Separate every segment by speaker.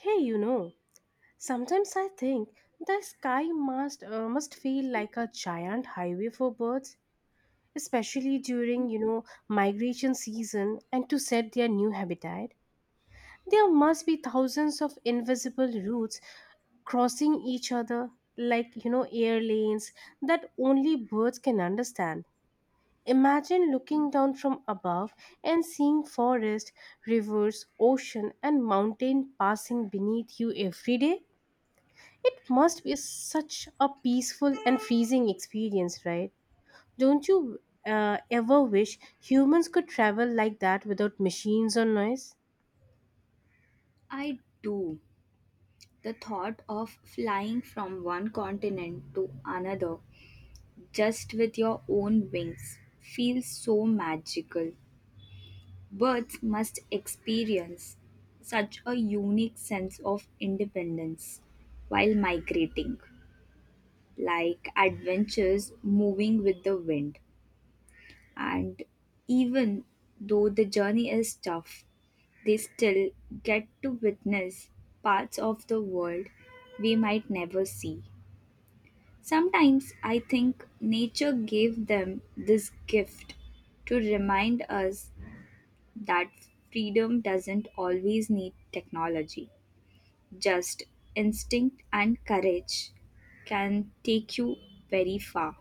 Speaker 1: Hey, sometimes I think the sky must feel like a giant highway for birds, especially during, migration season and to set their new habitat. There must be thousands of invisible routes crossing each other like air lanes that only birds can understand. Imagine looking down from above and seeing forest, rivers, ocean, and mountain passing beneath you every day. It must be such a peaceful and freezing experience, right? Don't you ever wish humans could travel like that without machines or noise?
Speaker 2: I do. The thought of flying from one continent to another just with your own wings feels so magical. Birds must experience such a unique sense of independence while migrating, like adventures moving with the wind. And even though the journey is tough, they still get to witness parts of the world we might never see. Sometimes I think nature gave them this gift to remind us that freedom doesn't always need technology. Just instinct and courage can take you very far.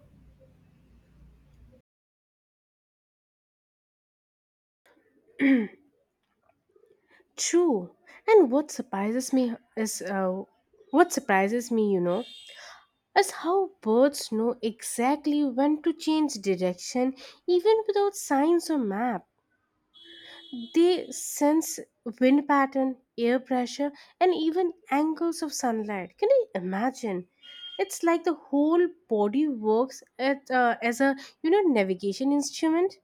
Speaker 1: True. And what surprises me is what surprises me, is how birds know exactly when to change direction even without signs or maps. They sense wind pattern, air pressure, and even angles of sunlight. Can you imagine? It's like the whole body works as a navigation instrument.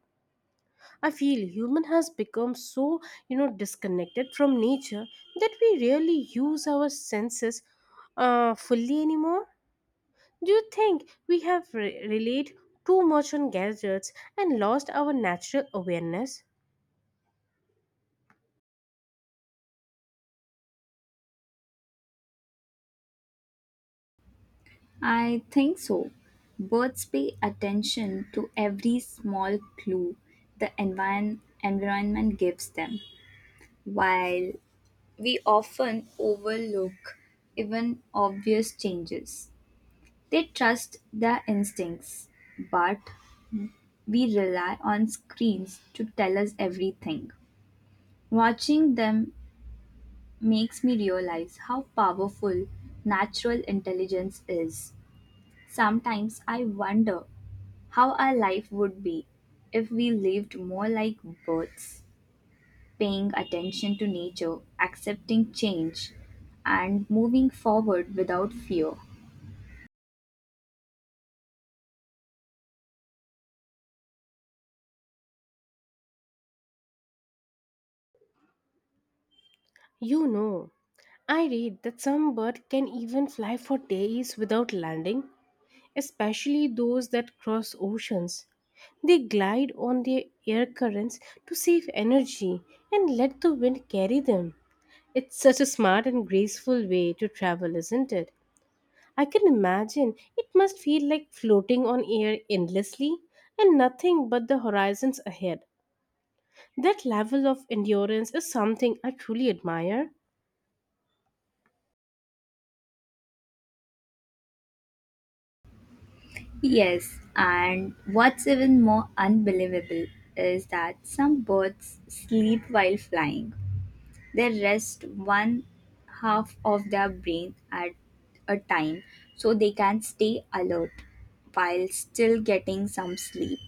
Speaker 1: I feel human has become so disconnected from nature that we rarely use our senses fully anymore. Do you think we have relied too much on gadgets and lost our natural awareness?
Speaker 2: I think so. Birds pay attention to every small clue the environment gives them, while we often overlook even obvious changes. They trust their instincts, but we rely on screens to tell us everything. Watching them makes me realize how powerful natural intelligence is. Sometimes I wonder how our life would be if we lived more like birds, paying attention to nature, accepting change, and moving forward without fear.
Speaker 1: You know, I read that some birds can even fly for days without landing, especially those that cross oceans. They glide on the air currents to save energy and let the wind carry them. It's such a smart and graceful way to travel, isn't it? I can imagine it must feel like floating on air endlessly and nothing but the horizons ahead. That level of endurance is something I truly admire.
Speaker 2: Yes, and what's even more unbelievable is that some birds sleep while flying. They rest one half of their brain at a time so they can stay alert while still getting some sleep.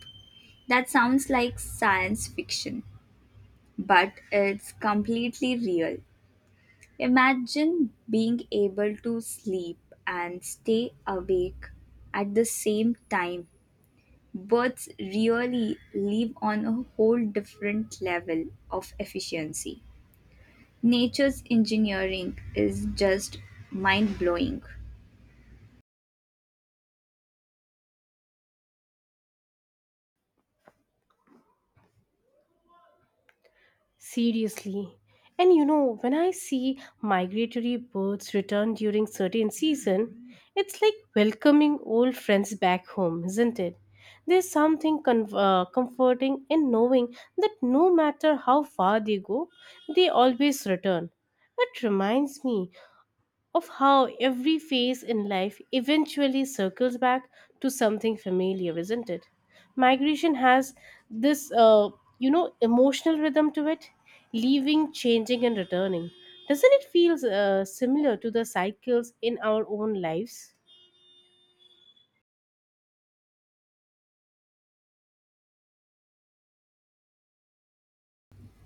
Speaker 2: That sounds like science fiction, but it's completely real. Imagine being able to sleep and stay awake at the same time. Birds really live on a whole different level of efficiency. Nature's engineering is just mind blowing.
Speaker 1: Seriously. And you know, when I see migratory birds return during certain season, it's like welcoming old friends back home, isn't it? There's something comforting in knowing that no matter how far they go, they always return. It reminds me of how every phase in life eventually circles back to something familiar, isn't it? Migration has this emotional rhythm to it, leaving, changing, and returning. Doesn't it feel similar to the cycles in our own lives?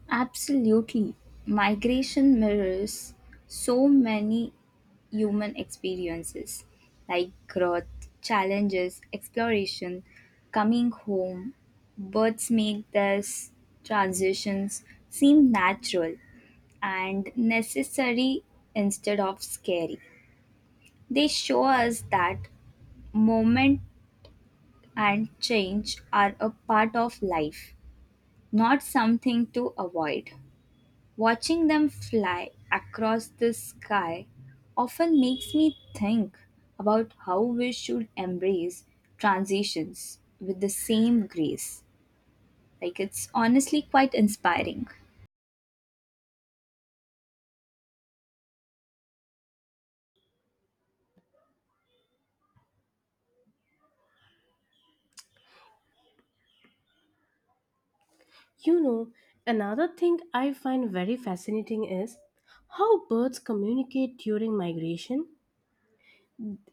Speaker 2: Absolutely. Migration mirrors so many human experiences like growth, challenges, exploration, coming home. Birds make these transitions seem natural and necessary instead of scary. They show us that moment and change are a part of life, not something to avoid. Watching them fly across the sky often makes me think about how we should embrace transitions with the same grace. Like, it's honestly quite inspiring.
Speaker 1: You know, another thing I find very fascinating is how birds communicate during migration.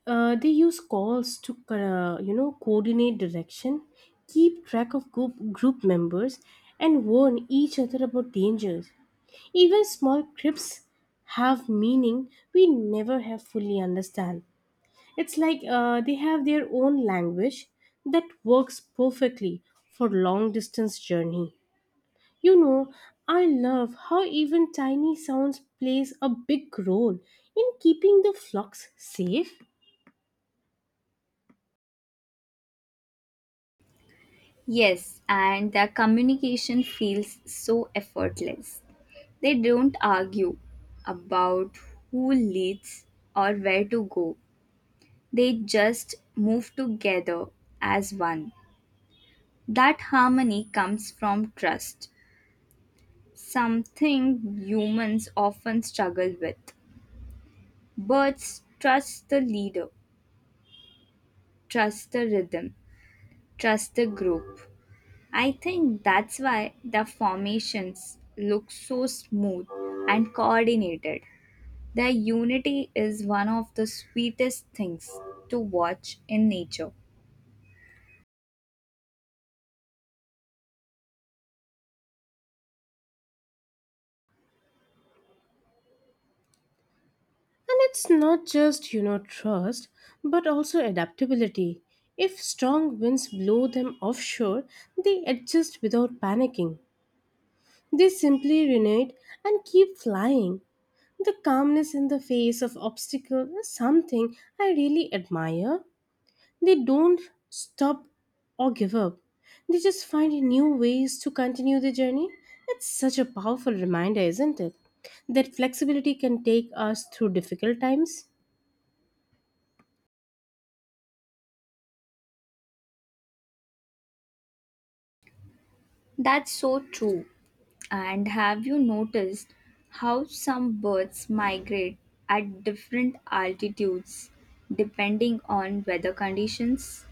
Speaker 1: They use calls to coordinate direction, keep track of group members, and warn each other about dangers. Even small crypts have meaning we never have fully understand. It's like they have their own language that works perfectly for long distance journey. You know, I love how even tiny sounds plays a big role in keeping the flocks safe.
Speaker 2: Yes, and their communication feels so effortless. They don't argue about who leads or where to go, they just move together as one. That harmony comes from trust, something humans often struggle with. Birds trust the leader, trust the rhythm, trust the group. I think that's why the formations look so smooth and coordinated. Their unity is one of the sweetest things to watch in nature.
Speaker 1: And it's not just, you know, trust, but also adaptability. If strong winds blow them offshore, they adjust without panicking. They simply renate and keep flying. The calmness in the face of obstacle is something I really admire. They don't stop or give up. They just find new ways to continue the journey. It's such a powerful reminder, isn't it? That flexibility can take us through difficult times.
Speaker 2: That's so true. And have you noticed how some birds migrate at different altitudes depending on weather conditions?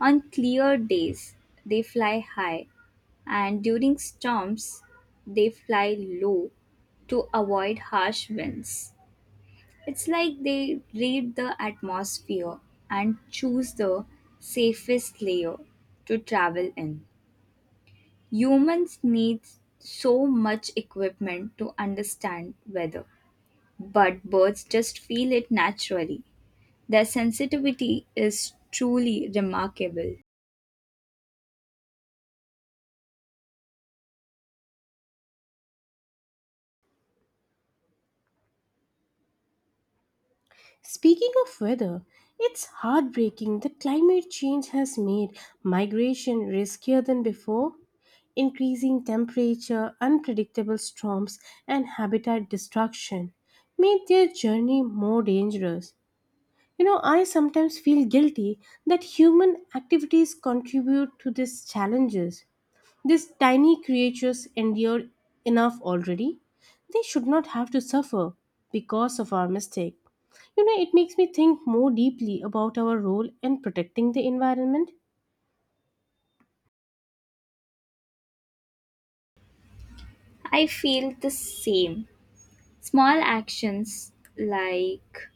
Speaker 2: On clear days, they fly high, and during storms, they fly low to avoid harsh winds. It's like they read the atmosphere and choose the safest layer to travel in. Humans need so much equipment to understand weather, but birds just feel it naturally. Their sensitivity is truly remarkable.
Speaker 1: Speaking of weather, it's heartbreaking that climate change has made migration riskier than before. Increasing temperature, unpredictable storms, and habitat destruction made their journey more dangerous. You know, I sometimes feel guilty that human activities contribute to these challenges. These tiny creatures endure enough already. They should not have to suffer because of our mistake. You know, it makes me think more deeply about our role in protecting the environment.
Speaker 2: I feel the same. Small actions like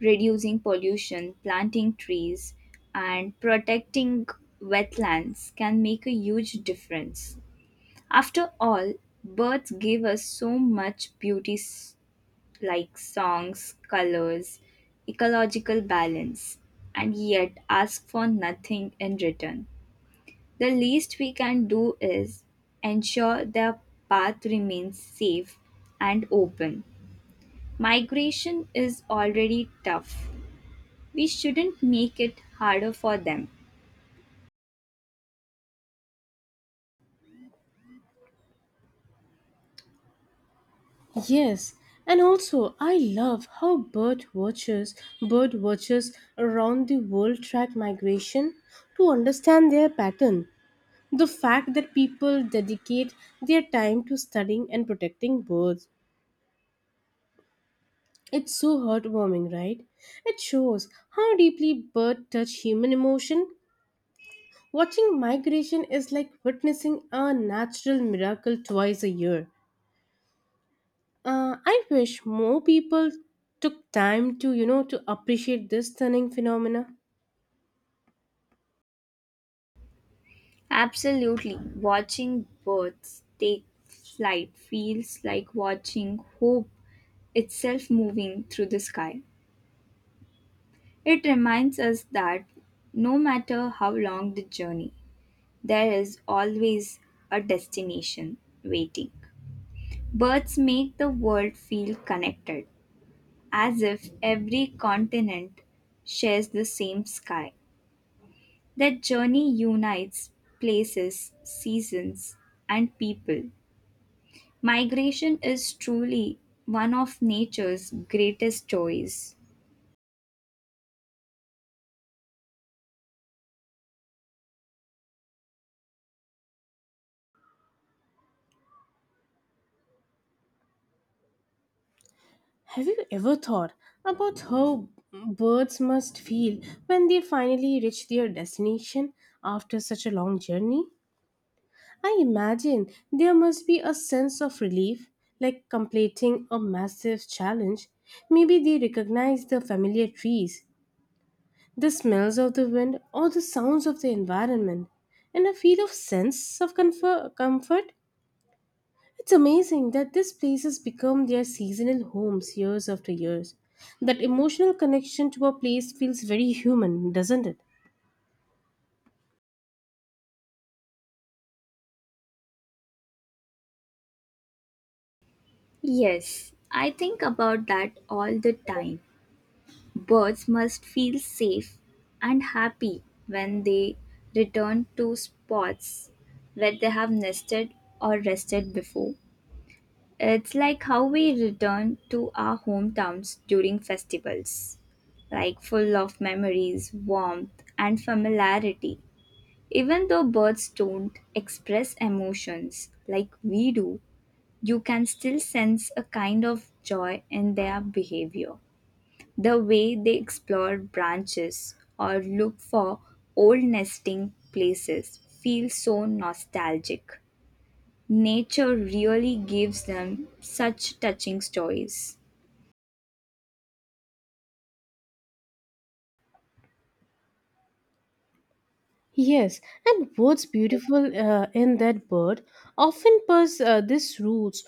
Speaker 2: reducing pollution, planting trees, and protecting wetlands can make a huge difference. After all, birds give us so much like songs, colors, ecological balance, and yet ask for nothing in return. The least we can do is ensure their path remains safe and open. Migration is already tough. We shouldn't make it harder for them.
Speaker 1: Yes, and also I love how bird watchers around the world track migration to understand their pattern. The fact that people dedicate their time to studying and protecting birds, it's so heartwarming, right? It shows how deeply birds touch human emotion. Watching migration is like witnessing a natural miracle twice a year. I wish more people took time to, to appreciate this stunning phenomena.
Speaker 2: Absolutely. Watching birds take flight feels like watching hope itself moving through the sky. It reminds us that no matter how long the journey, there is always a destination waiting. Birds make the world feel connected, as if every continent shares the same sky. That journey unites places, seasons, and people. Migration is truly one of nature's greatest joys.
Speaker 1: Have you ever thought about how birds must feel when they finally reach their destination after such a long journey? I imagine there must be a sense of relief, like completing a massive challenge. Maybe they recognize the familiar trees, the smells of the wind, or the sounds of the environment and a feel of sense of comfort. It's amazing that these places become their seasonal homes years after years. That emotional connection to a place feels very human, doesn't it?
Speaker 2: Yes, I think about that all the time. Birds must feel safe and happy when they return to spots where they have nested or rested before. It's like how we return to our hometowns during festivals, like full of memories, warmth, and familiarity. Even though birds don't express emotions like we do, you can still sense a kind of joy in their behavior. The way they explore branches or look for old nesting places feels so nostalgic. Nature really gives them such touching stories.
Speaker 1: Yes, and what's beautiful in that bird often purrs these roots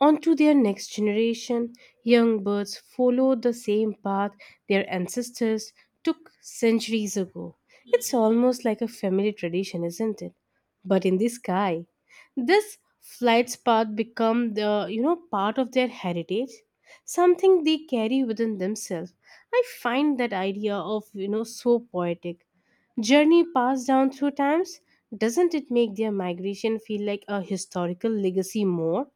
Speaker 1: on to their next generation. Young birds follow the same path their ancestors took centuries ago. It's almost like a family tradition, isn't it? But in the sky, this flight's path become the part of their heritage, something they carry within themselves. I find that idea of so poetic. Journey passed down through times, doesn't it make their migration feel like a historical legacy more?